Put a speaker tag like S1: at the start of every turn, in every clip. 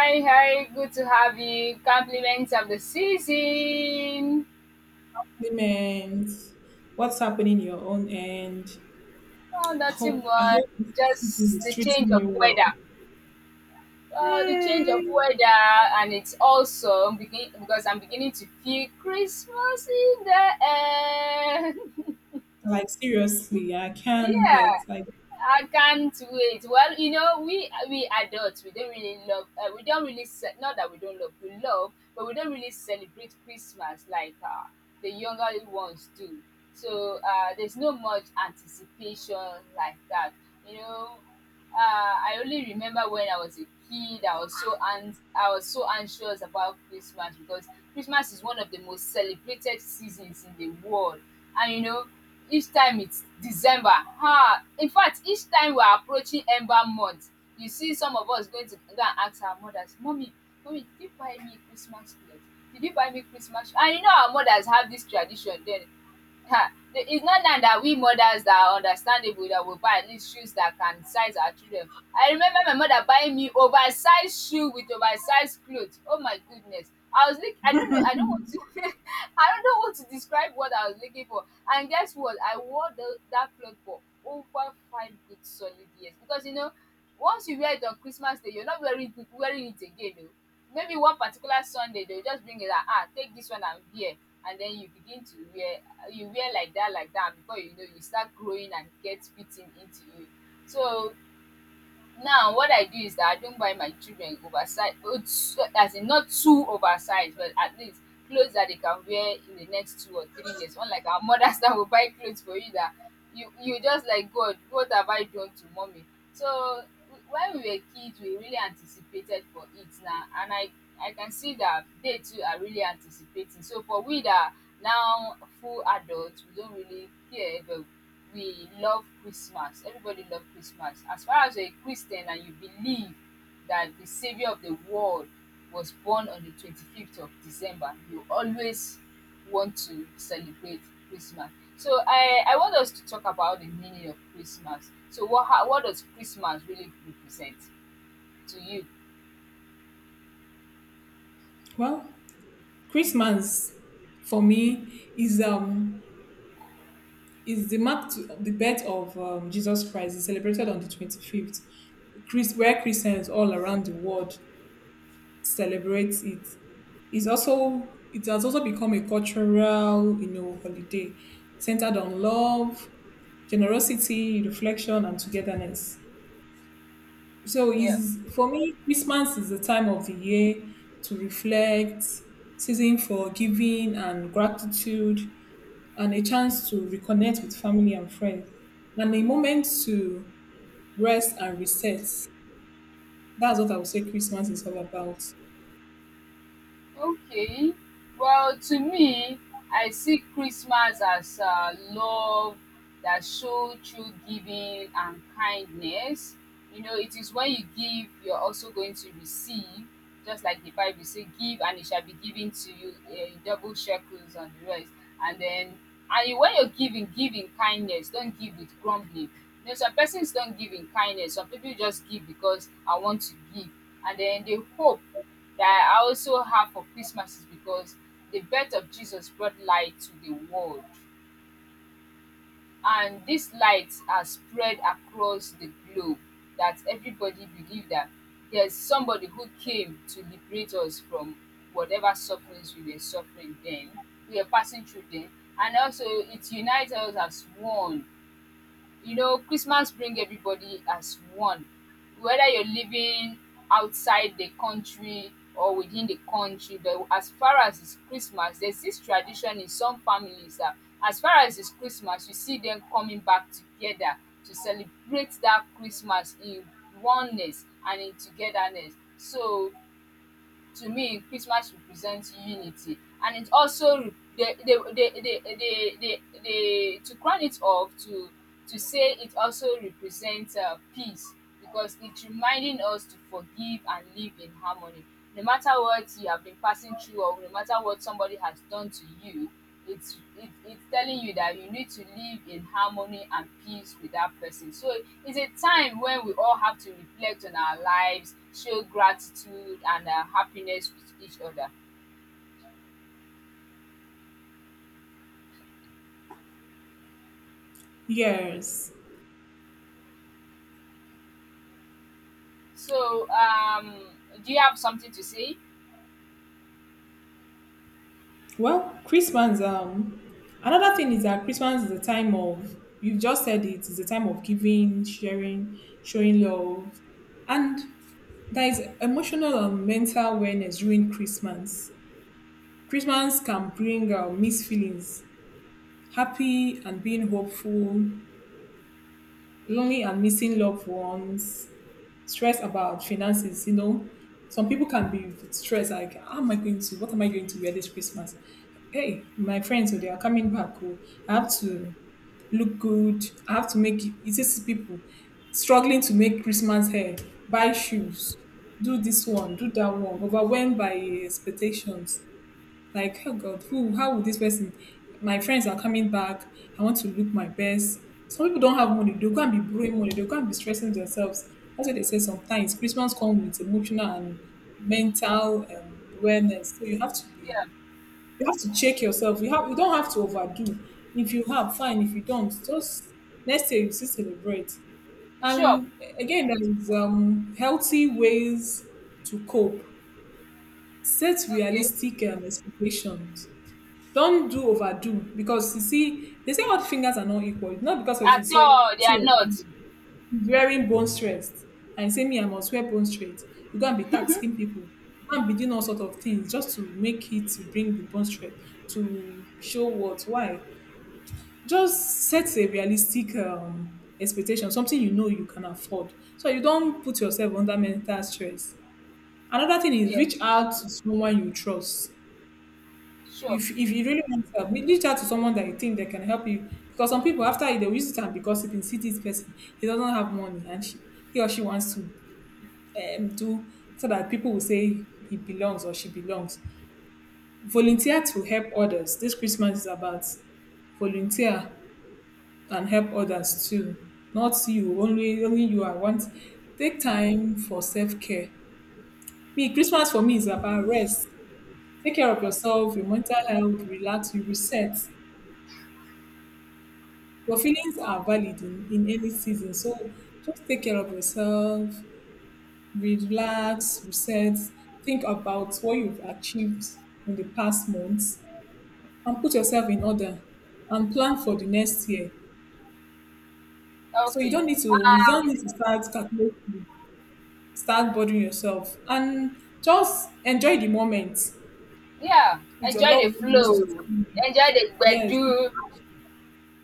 S1: Hi, hi, good to have you. Compliments of the season.
S2: Compliment, what's happening in your own end.
S1: Oh,
S2: I
S1: nothing
S2: hope I
S1: much.
S2: hope this season
S1: Just
S2: is
S1: the change
S2: treating
S1: of
S2: you well.
S1: weather. The change of
S2: Mm,
S1: weather, and it's also because I'm beginning to feel Christmas in the air.
S2: like seriously, I can't
S1: Yeah.
S2: wait. Like
S1: I can't wait. Well, you know, we adults we don't really love. We don't really not that we don't love. We love, but we don't really celebrate Christmas like the younger ones do. So there's no much anticipation like that. You know, I only remember when I was a kid, I was I was so anxious about Christmas because Christmas is one of the most celebrated seasons in the world, and you know, each time it's December. Ah, in fact, each time we are approaching Ember month, you see some of us going to go and ask our mothers, Mommy, Mommy, did you buy me Christmas clothes? Did you buy me Christmas? And you know, our mothers have this tradition then. Ha! It's not now that we mothers that are understandable that will buy at least shoes that can size our children. I remember my mother buying me oversized shoe with oversized clothes. Oh my goodness. I was look I don't know, I don't want to I don't know what to describe what I was looking for. And guess what? I wore that cloth for over five good solid years. Because you know, once you wear it on Christmas Day, you're not wearing it again. Oh maybe one particular Sunday they will just bring it out, ah, take this one and wear, and then you begin to wear, you wear like that, and before you know you start growing and get fitting into you. So now what I do is that I don't buy my children oversized. Oats so, as in not too oversized but at least clothes that they can wear in the next 2 or 3 years. Unlike our mothers that will buy clothes for you that you just like, "God, what have I done to mommy?" So, when we were kids, we really anticipated for it now and I can see that they too are really anticipating. So, for we that are now full adults, we don't really care but we love Christmas. Everybody love Christmas. As far as you're a Christian and you believe that the Savior of the world was born on the 25th of December, you always want to celebrate Christmas. So I want us to talk about the meaning of Christmas. So what how, what does Christmas really represent to you?
S2: well, Christmas for me is is the mark to the birth of Jesus Christ. It's celebrated on the 25th. Where Christians all around the world celebrate it. Is also it has also become a cultural holiday centered on love, generosity, reflection, and togetherness. So
S1: Yeah.
S2: is for me, Christmas is the time of the year to reflect, season for giving and gratitude, and a chance to reconnect with family and friends, and a moment to rest and reset. That's what I would say Christmas is all about.
S1: Okay. Well, to me, I see Christmas as love that shows through giving and kindness. You know, it is when you give, you're also going to receive. Just like the Bible say, give and it shall be given to you, eh, in double shekels and the rest. And then, and when you're giving, give in kindness. Don't give with grumbling. You know, some persons don't give in kindness. Some people just give because I want to give. And then they hope that I also have for Christmas is because the birth of Jesus brought light to the world. And this light has spread across the globe, that everybody believe that there's somebody who came to liberate us from whatever sufferings we were suffering then, we were passing through then. And also it unites us as one. You know, Christmas bring everybody as one, whether you're living outside the country or within the country, but as far as it's Christmas there's this tradition in some families that as far as it's Christmas you see them coming back together to celebrate that Christmas in oneness and in togetherness. So to me Christmas represents unity, and it also re- the to crown it off, to say, it also represents peace, because it's reminding us to forgive and live in harmony no matter what you have been passing through or no matter what somebody has done to you. It's telling you that you need to live in harmony and peace with that person. So it's a time when we all have to reflect on our lives, show gratitude and happiness with each other.
S2: Yes.
S1: So do you have something to say?
S2: Well, Christmas, another thing is that Christmas is a time of, you've just said it, it's a time of giving, sharing, showing love. And there is emotional and mental awareness during Christmas. Christmas can bring mixed feelings, happy and being hopeful, lonely and missing loved ones, stress about finances. You know, some people can be stressed like, how am I going to, what am I going to wear this Christmas? Hey, my friends, oh, they are coming back. Oh, I have to look good. I have to make it. It's people struggling to make Christmas hair, buy shoes, do this one, do that one, overwhelmed by expectations. Like, oh God, who, how would this person, my friends are coming back. I want to look my best. Some people don't have money. They'll go and be borrowing money. They'll go and be stressing themselves. That's what they say sometimes. Christmas comes with emotional and mental awareness. So you have to be,
S1: Yeah,
S2: you have to check yourself. You have, you don't have to overdo. If you have, fine. If you don't, just next year you still celebrate.
S1: sure.
S2: And again, there is healthy ways to cope. Set
S1: Okay.
S2: realistic expectations. Don't do overdo because you see, they say all fingers are not equal. It's not because of you
S1: At all,
S2: say,
S1: they
S2: see
S1: are
S2: your
S1: not.
S2: finger he's wearing bone straight and you say me I must wear bone straight. You go and be taxing people. You go and be doing all sort of things just to make it to bring the bone straight to show what why. Just set a realistic expectation, something you know you can afford, so you don't put
S1: Mm,
S2: yourself under mental stress. Another thing is
S1: yeah,
S2: reach out to someone you trust.
S1: sure,
S2: If you really want help, reach out to someone that you think that can help you. Because some people after they will use it and be gossiping, see this person, he doesn't have money and she he or she wants to do so that people will say he belongs or she belongs. Volunteer to help others. This Christmas is about volunteer and help others too. Not you, only you are want. Take time for self-care. Me, Christmas for me is about rest. Take care of yourself,
S1: okay.
S2: your mental health, relax, you reset. Your feelings
S1: O-
S2: are valid in any season. So just take care of yourself, relax, reset, think about what you've achieved in the past months and put yourself in order and plan for the next year. So you
S1: okay.
S2: don't need to you don't
S1: um
S2: need to start calculating, start bothering yourself and just enjoy the moment
S1: yeah,
S2: with your
S1: enjoy the
S2: loved ones,
S1: flow,
S2: with your family.
S1: enjoy the
S2: Yes.
S1: gbedu.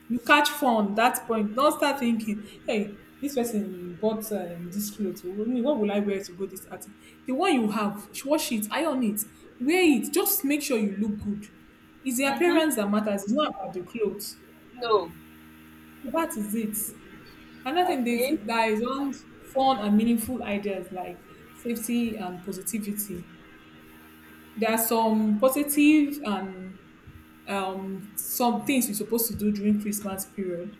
S2: You catch fun that point. Don't start thinking, hey, this person bought this clothes. What will I wear to go this outing? The one you have, wash it, iron it, wear it. Just make sure you look good. It's the
S1: Mm-hmm.
S2: appearance that matters. It's not about the clothes.
S1: No.
S2: So that is it. Another thing they say
S1: Okay.
S2: that is on fun and meaningful ideas like safety and positivity. There are some positive and some things you're supposed to do during Christmas period,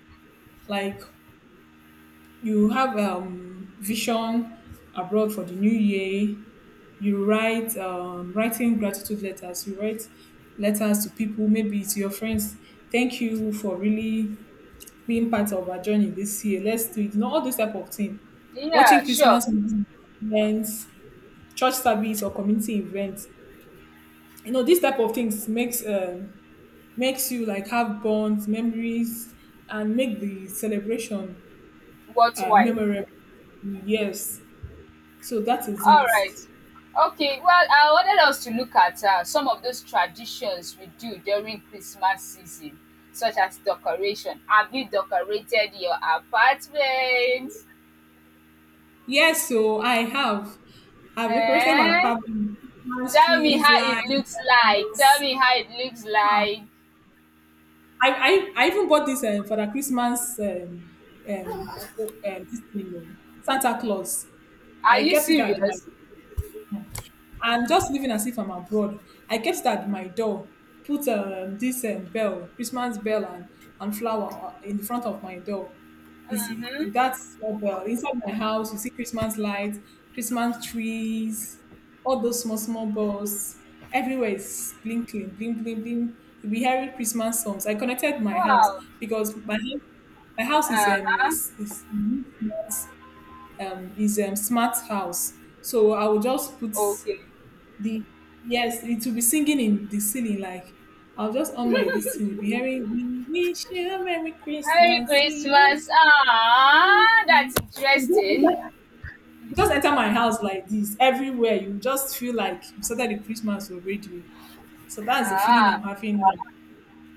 S2: like you have vision abroad for the new year. You write writing gratitude letters, you write letters to people maybe to your friends, thank you for really being part of our journey this year, let's do it, you know, all this type of thing.
S1: Yeah,
S2: Watching
S1: sure.
S2: Christmas events, church service or community events, you know these type of things makes makes you like have bonds memories and make the celebration
S1: But why?
S2: memorable. Yes. So that is
S1: All
S2: it.
S1: right. Okay, well, I wanted us to look at some of those traditions we do during Christmas season, such as decoration. Have you decorated your apartment?
S2: Yes, so I have. I've decorated my
S1: Eh?
S2: apartment with Christmas
S1: Tell me
S2: trees,
S1: how it
S2: lights.
S1: looks like. Tell me how it looks like.
S2: I even bought this for the Christmas this thing, you Santa Claus.
S1: Are
S2: I
S1: you
S2: kept it at my
S1: serious?
S2: and just living as if I'm abroad. I kept it at my door, put this bell, Christmas bell, and flower in the front of my door. It's
S1: Mm-hmm.
S2: that small bell inside my house. You see Christmas lights, Christmas trees, all those small small bells. Everywhere is blinking, bling bling bling. You'll be hearing Christmas songs. I connected my house
S1: Wow.
S2: because my house is um
S1: Uh-huh.
S2: is is is smart, is smart house. So I will just put
S1: Okay.
S2: the yes, it will be singing in the ceiling like I'll just on my this thing, you'll be hearing we wish you a Merry
S1: Merry
S2: Christmas. We wish
S1: Christmas. Ah, that's interesting.
S2: you just enter my house like this. Everywhere you just feel like you started the Christmas already. So that's the feeling
S1: Ah,
S2: I'm having now.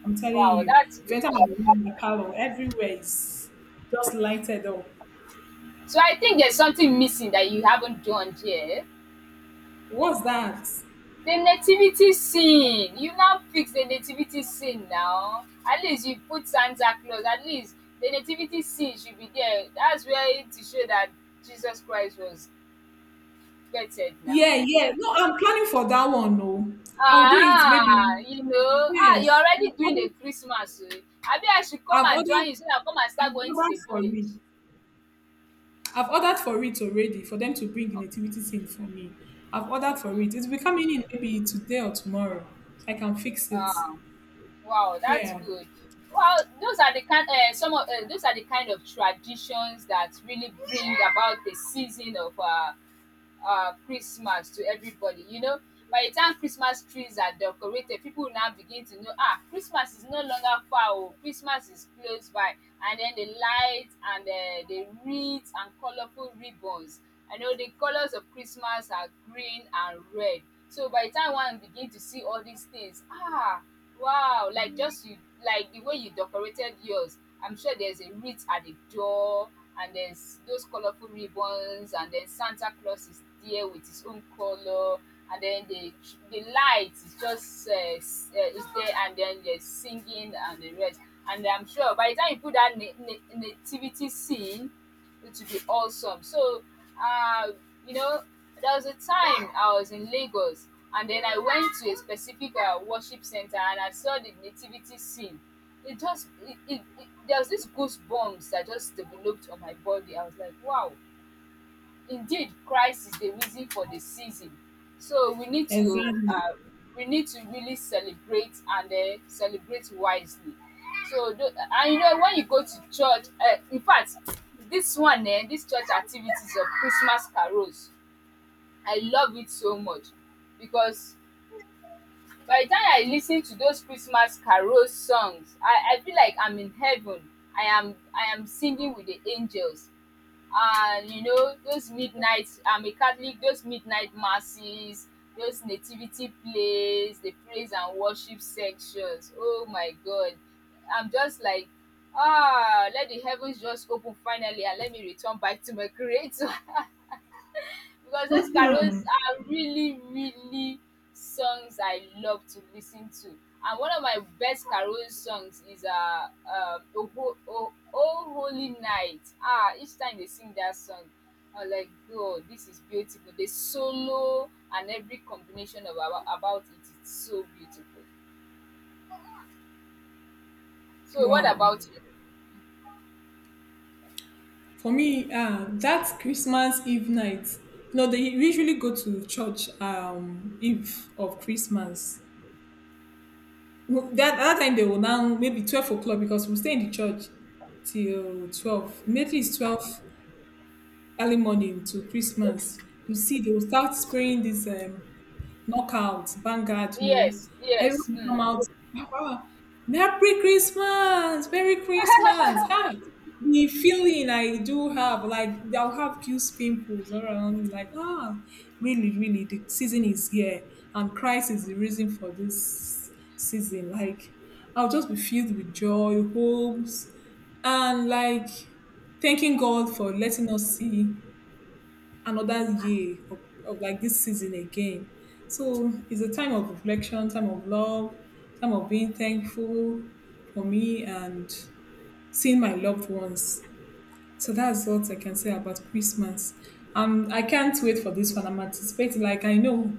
S2: I'm telling
S1: wow,
S2: you.
S1: that's
S2: If you
S1: good.
S2: enter my room, my parlor, everywhere is just lighted up.
S1: So I think there's something missing that you haven't done here.
S2: What's that?
S1: The nativity scene. You now fix the nativity scene now. At least you put Santa Claus. At least the nativity scene should be there. That's where to show that Jesus Christ was birthed
S2: Yeah,
S1: now.
S2: yeah. No, I'm planning for that one. No, I'll do it maybe.
S1: Ah, you know, ah,
S2: Yes,
S1: you're already
S2: I've
S1: doing the
S2: ordered,
S1: Christmas. So. Abi I should come
S2: I've
S1: and join you so
S2: ordered,
S1: that I come and start
S2: I've
S1: going to the
S2: ordered for
S1: village.
S2: it. I've ordered for it already for them to bring the nativity scene for me. I've ordered for
S1: Okay.
S2: it. It's will be coming in maybe today or tomorrow, so I can fix it.
S1: Ah. Wow, that's
S2: Yeah,
S1: good. Well, those are the kind. Some of those are the kind of traditions that really bring about the season of Christmas to everybody. You know, by the time Christmas trees are decorated, people will now begin to know, ah, Christmas is no longer far, oh, Christmas is close by. And then the lights and the wreaths and colorful ribbons. I know the colors of Christmas are green and red. So by the time one begin to see all these things, ah, wow, like just you, like the way you decorated yours, I'm sure there's a wreath at the door, and there's those colorful ribbons, and then Santa Claus is there with his own color, and then the light is just is there, and then there's singing and the rest, and I'm sure by the time you put that nativity scene it would be awesome. So, uh, you know, there was a time I was in Lagos, and then I went to a specific worship center, and I saw the nativity scene. It just, there was this goosebumps that just developed on my body. I was like, wow, indeed, Christ is the reason for the season. So
S2: exactly.
S1: we need to really celebrate, and then celebrate wisely. So and you know when you go to church, in fact, this one, eh, this church activities of Christmas carols, I love it so much because by the time I listen to those Christmas carol songs I feel like I'm in heaven, I am singing with the angels. And you know those midnight, I'm a Catholic, those midnight masses, those nativity plays, the praise and worship sections, oh my God, I'm just like, ah, let the heavens just open finally and let me return back to my creator. Because those carols are really, really songs I love to listen to, and one of my best carol songs is "Oh, oho o o holy night." Ah, each time they sing that song I am like, God, this is beautiful, the solo and every combination of about it is so beautiful. So what
S2: Wow.
S1: about you?
S2: For me, that Christmas Eve night, you know, they usually go to church Eve of Christmas. Well, that time they will now maybe 12 o'clock because we'll stay in the church till 12. Immediately it's 12 early morning to Christmas. You see, they will start spraying this knockout, vanguard, no.
S1: Yes,
S2: Everyone
S1: yes.
S2: will come out. "Ah, Merry Christmas! Merry Christmas! Ah, the feeling I do have, like I'll have cute pimples around me, like, ah, really, really, the season is here. And Christ is the reason for this season. Like, I'll just be filled with joy, hopes, and like thanking God for letting us see another year of like this season again. So it's a time of reflection, time of love, time of being thankful for me and seeing my loved ones. So that's what I can say about Christmas. I can't wait for this one. I'm anticipating. Like I know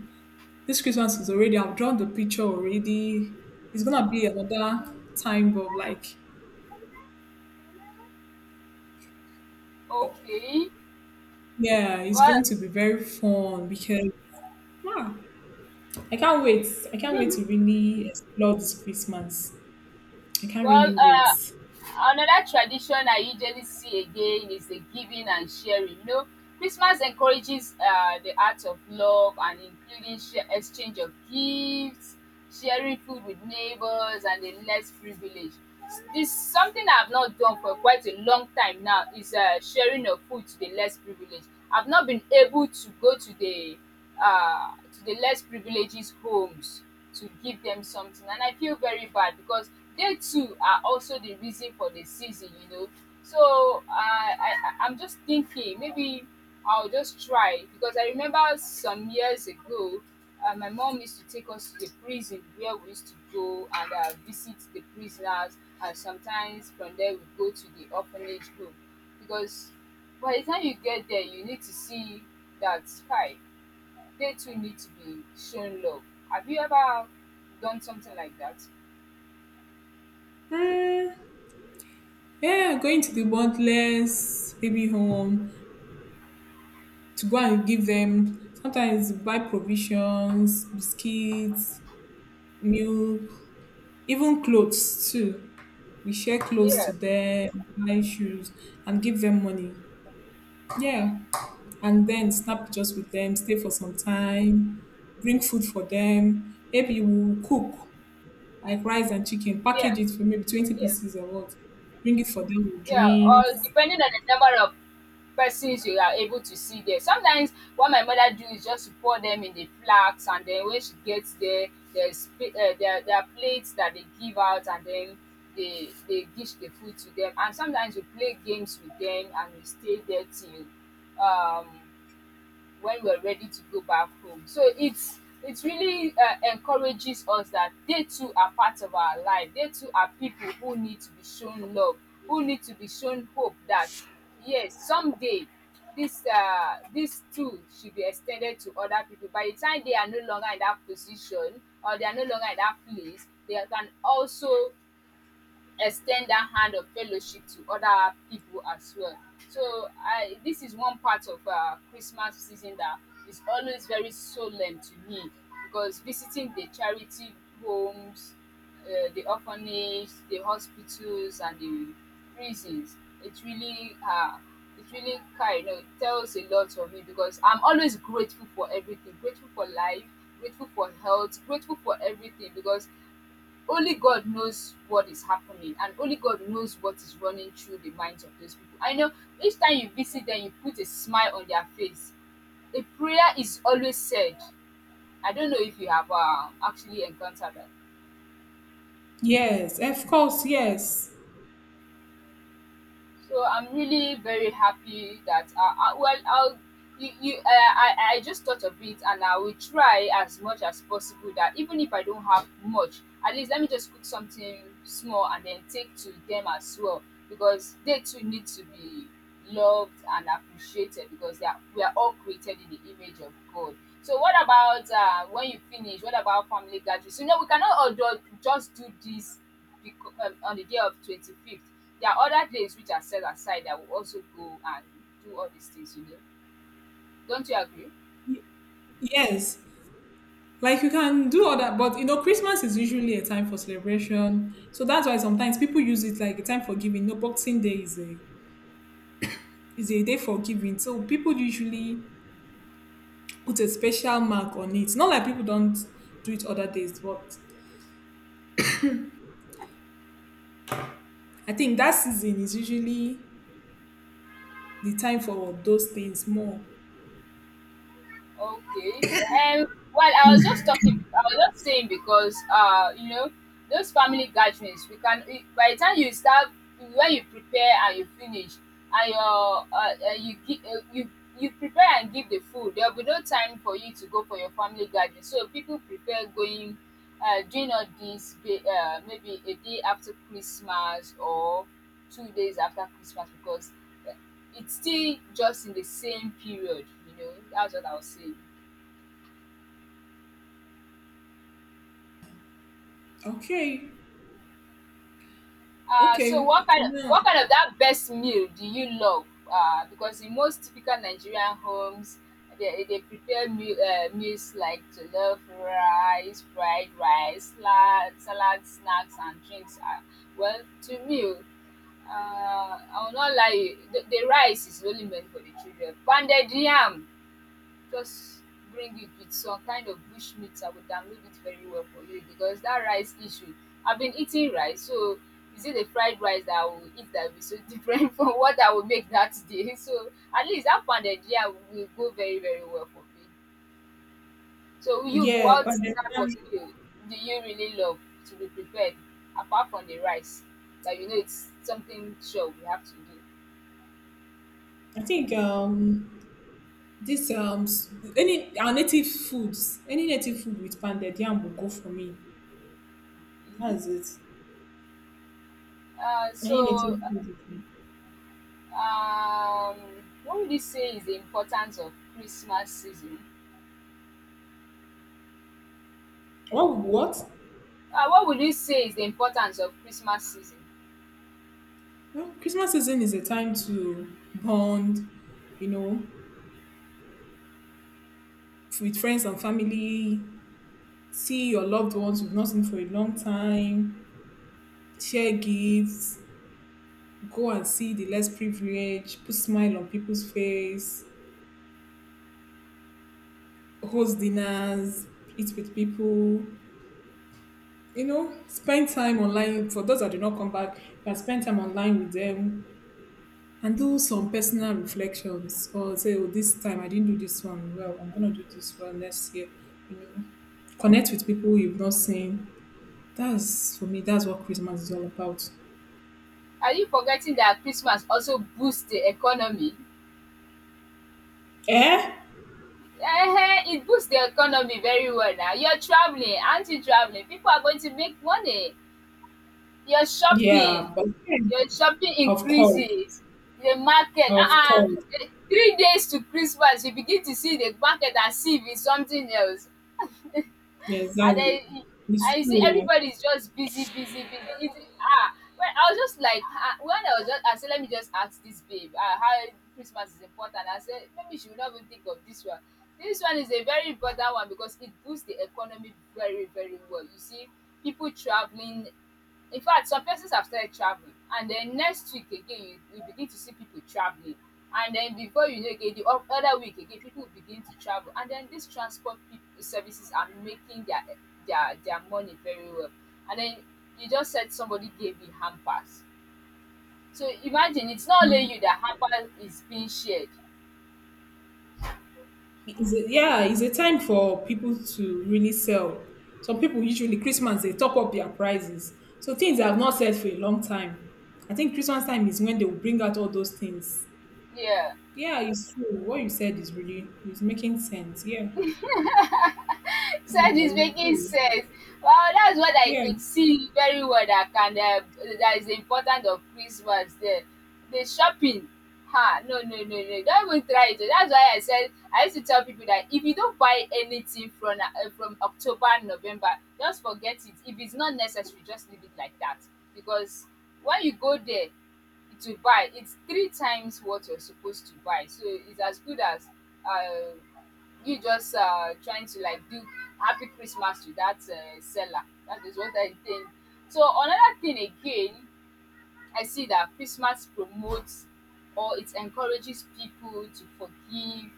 S2: this Christmas is already. I've drawn the picture already. It's gonna be another time of like, oh,
S1: okay.
S2: yeah, it's
S1: What?
S2: going to be very fun because yeah, I can't wait. I can't wait to really explore this Christmas. I can't
S1: Well,
S2: really wait.
S1: another tradition I usually see again is the giving and sharing. You know, Christmas encourages the art of love and including share, exchange of gifts, sharing food with neighbors, and the less privileged. This something I've not done for quite a long time now is sharing of food to the less privileged. I've not been able to go to the less privileged homes to give them something. And I feel very bad because they too are also the reason for the season, you know. So am just thinking maybe I'll just try, because I remember some years ago, my mom used to take us to the prison where we used to go and visit the prisoners, and sometimes from there we go to the orphanage home, because by the time you get there, you need to see that sky they too need to be shown love. Have you ever done something like that?
S2: Uh, yeah, going to the wantless baby home to go and give them sometimes buy provisions, biscuits, milk, even clothes too. We share clothes to
S1: Yeah,
S2: them, buy shoes, and give them money. Yeah. And then snap pictures with them, stay for some time, bring food for them. Maybe we'll cook like rice and chicken,
S1: yeah,
S2: package it for maybe 20
S1: yeah,
S2: pieces or what, bring it for them with
S1: yeah. Or
S2: drinks.
S1: depending on the number of persons you are able to see there. Sometimes what my mother do is just to pour them in the flask, and then when she gets there, there, there are plates that they give out, and then they dish the food to them. And sometimes we play games with them, and we stay there till um when we're ready to go back home. So it really encourages us that they too are part of our life. They too are people who need to be shown love, who need to be shown hope that yes, someday this this tool should be extended to other people. By the time they are no longer in that position or they are no longer in that place, they can also extend that hand of fellowship to other people as well. So I this is one part of Christmas season that is always very solemn to me because visiting the charity homes, the orphanage, the hospitals, and the prisons, it really uh, it really kind of tells a lot of me because I'm always grateful for everything, grateful for life, grateful for health, grateful for everything because only God knows what is happening and only God knows what is running through the minds of those people. I know each time you visit them, you put a smile on their face. A prayer is always said. I don't know if you have actually encountered that.
S2: Yes, of course, yes.
S1: So I'm really very happy that well I'll you, you I just thought of it, and I will try as much as possible that even if I don't have much, at least let me just cook something small and then take to them as well because they too need to be loved and appreciated because we are all created in the image of God. So what about when you finish? What about family gatherings? You know, we cannot all do, just do this on the day of 25th. There are other days which are set aside that will also go and do all these things, you know. Don't you agree?
S2: Yes. Like you can do all that, but you know, Christmas is usually a time for celebration. So that's why sometimes people use it like a time for giving. No, Boxing Day is a day for giving. So people usually put a special mark on it. Not like people don't do it other days, but I think that season is usually the time for those things more.
S1: Okay. Um. Well, I was just talking. I was just saying because you know, those family gatherings, we can. By the time you start, when you prepare and you finish, and you prepare and give the food, there will be no time for you to go for your family gathering. So people prefer going, doing all this maybe a day after Christmas or 2 days after Christmas because it's still just in the same period, you know, that's what I'll say.
S2: Okay.
S1: Uh, so
S2: Okay.
S1: what
S2: For
S1: kind of
S2: now.
S1: what kind of that best meal do you love? Because in most typical Nigerian homes, they prepare meals like jollof rice, fried rice, salad, snacks, and drinks. Well, to me, I will not lie, the rice is only meant for the children. Pounded yam, just bring it with some kind of bush meat. I would download it very well for you because that rice issue, I've been eating rice. So is it the fried rice that I will eat that will be so different from what I will make that day? So at least that pounded yam will go very, very well for me. So you,
S2: Yeah,
S1: what
S2: but then,
S1: type of meal do you really love to be prepared apart from the rice that you know it's something sure we have to do?
S2: I think this any our native foods, any native food with pounded yam will go for me. That's it.
S1: uh
S2: Any
S1: so
S2: native food. With
S1: um what would you say is the importance of Christmas season?
S2: What what?
S1: What would you say is the importance of Christmas season?
S2: Well, Christmas season is a time to bond, you know, with friends and family, see your loved ones you've not seen for a long time, share gifts, go and see the less privileged, put smile on people's face, host dinners, eat with people, you know, spend time online for those that do not come back, you can spend time online with them and do some personal reflections or say, oh, this time I didn't do this one well, I'm gonna do this one next year, you know. Connect with people you've not seen. That's for me, that's what Christmas is all about.
S1: Are you forgetting that Christmas also boosts the economy?
S2: Eh?
S1: Uh, it boosts the economy very well. Now you're traveling, aren't you traveling? People are going to make money, you're shopping,
S2: Yeah, but yeah,
S1: your shopping
S2: of course.
S1: increases the market,
S2: Of course.
S1: 3 days to Christmas you begin to see the market as if it's something else.
S2: Yeah,
S1: And
S2: exactly.
S1: then
S2: It's
S1: I see
S2: true.
S1: everybody's just busy, busy, busy. It's, ah, well, I was just like, ah, when I was just, I said, let me just ask this babe, ah, how Christmas is important. I said, maybe she will not even think of this one. This one is a very important one because it boosts the economy very, very well. You see, people traveling, in fact, some persons have started traveling, and then next week again, you begin to see people traveling. And then before you know again, the other week again, people begin to travel. And then these transport people, services are making their, their money very well. And then you just said somebody gave you hampers. So imagine it's not only you that hamper is being shared.
S2: It's a yeah, it's a time for people to really sell. Some people usually Christmas they top up their prices. So things that have not sold for a long time. I think Christmas time is when they will bring out all those things.
S1: Yeah.
S2: Yeah, it's true. What you said is really is making sense. Yeah.
S1: So it's
S2: Mhm,
S1: making
S2: true.
S1: sense. Wow, that's what I
S2: Yeah.
S1: could see very well, that can that is the importance of Christmas there. The shopping. Ha, no, no, no, no. Don't even try it. That's why I said I used to tell people that if you don't buy anything from October and November, just forget it. If it's not necessary, just leave it like that. Because when you go there to buy, it's three times what you're supposed to buy. So it's as good as uh you just trying to like do happy Christmas to that seller. That is what I think. So another thing again, I see that Christmas promotes or it encourages people to forgive,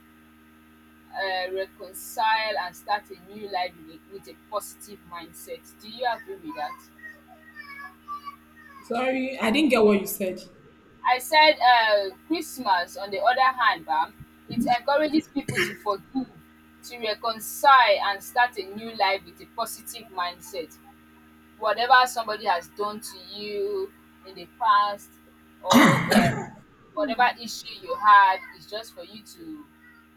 S1: reconcile, and start a new life with a positive mindset. Do you agree with that?
S2: Sorry, I didn't get what you said.
S1: I said Christmas, on the other hand, bam, it encourages people to forgive, to reconcile, and start a new life with a positive mindset. Whatever somebody has done to you in the past or, whatever issue you had is just for you to,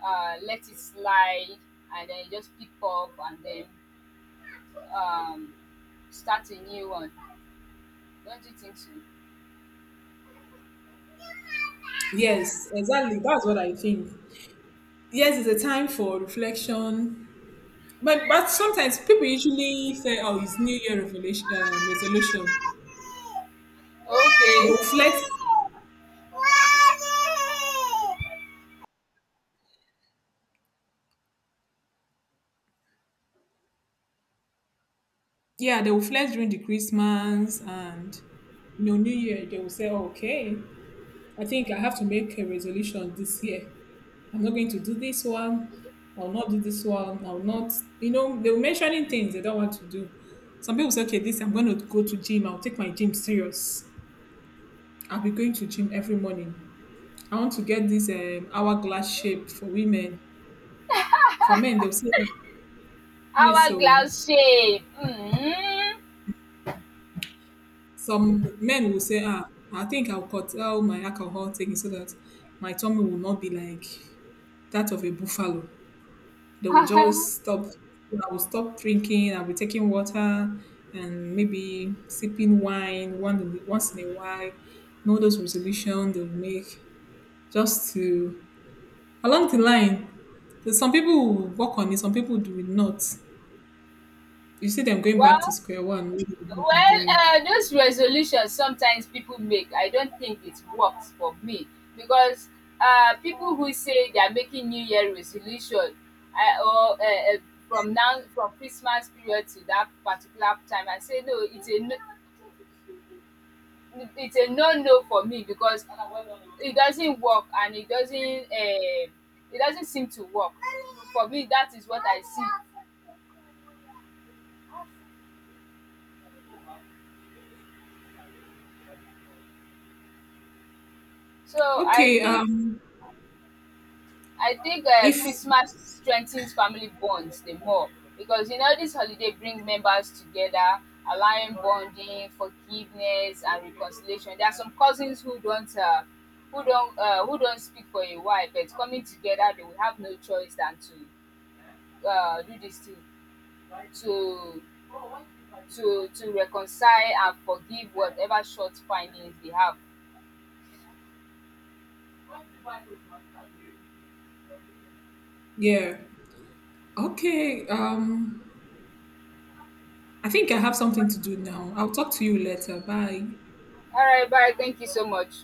S1: let it slide and then just pick up and then, um, start a new one. Don't you think so?
S2: Yes, exactly. That's what I think. Yes, it's a time for reflection. But sometimes people usually say, "Oh, it's New Year revelation, resolution." They
S1: Okay.
S2: will flex. Yeah, they will flex during the Christmas and you know New Year. They will say, "Okay, I think I have to make a resolution this year. I'm not going to do this one. I will not do this one. I will not." You know, they will mentioning things they don't want to do. Some people say, "Okay, this I'm going to go to gym. I'll take my gym serious. I'll be going to gym every morning. I want to get this hourglass shape for women. For men, they'll say, yes, so."
S1: Hourglass shape. Mhm.
S2: Some men will say, ah, I think I'll curtail my alcohol taking so that my tummy will not be like that of a buffalo. They will just stop. I will stop drinking. I'll be taking water and maybe sipping wine once in a while. Know those resolutions they'll make just to along the line. There's some people will work on it. Some people do it not. You see them going back to
S1: Well,
S2: square one. What they've been
S1: well,
S2: doing?
S1: those resolutions sometimes people make, I don't think it works for me because people who say they are making New Year resolution, I, or from now from Christmas period to that particular time, I say no, it's a no, it's a no no for me because it doesn't work and it doesn't seem to work for me. That is what I see. So I
S2: Okay.
S1: think I think
S2: If
S1: Christmas strengthens family bonds the more because you know this holiday bring members together, allowing bonding, forgiveness, and reconciliation. There are some cousins who don't who don't speak for a while, but coming together, they will have no choice than to do this thing to to reconcile and forgive whatever short findings they have.
S2: yeah. Okay. I think I have something to do now. I'll talk to you later. Bye.
S1: All right, bye. Thank you so much.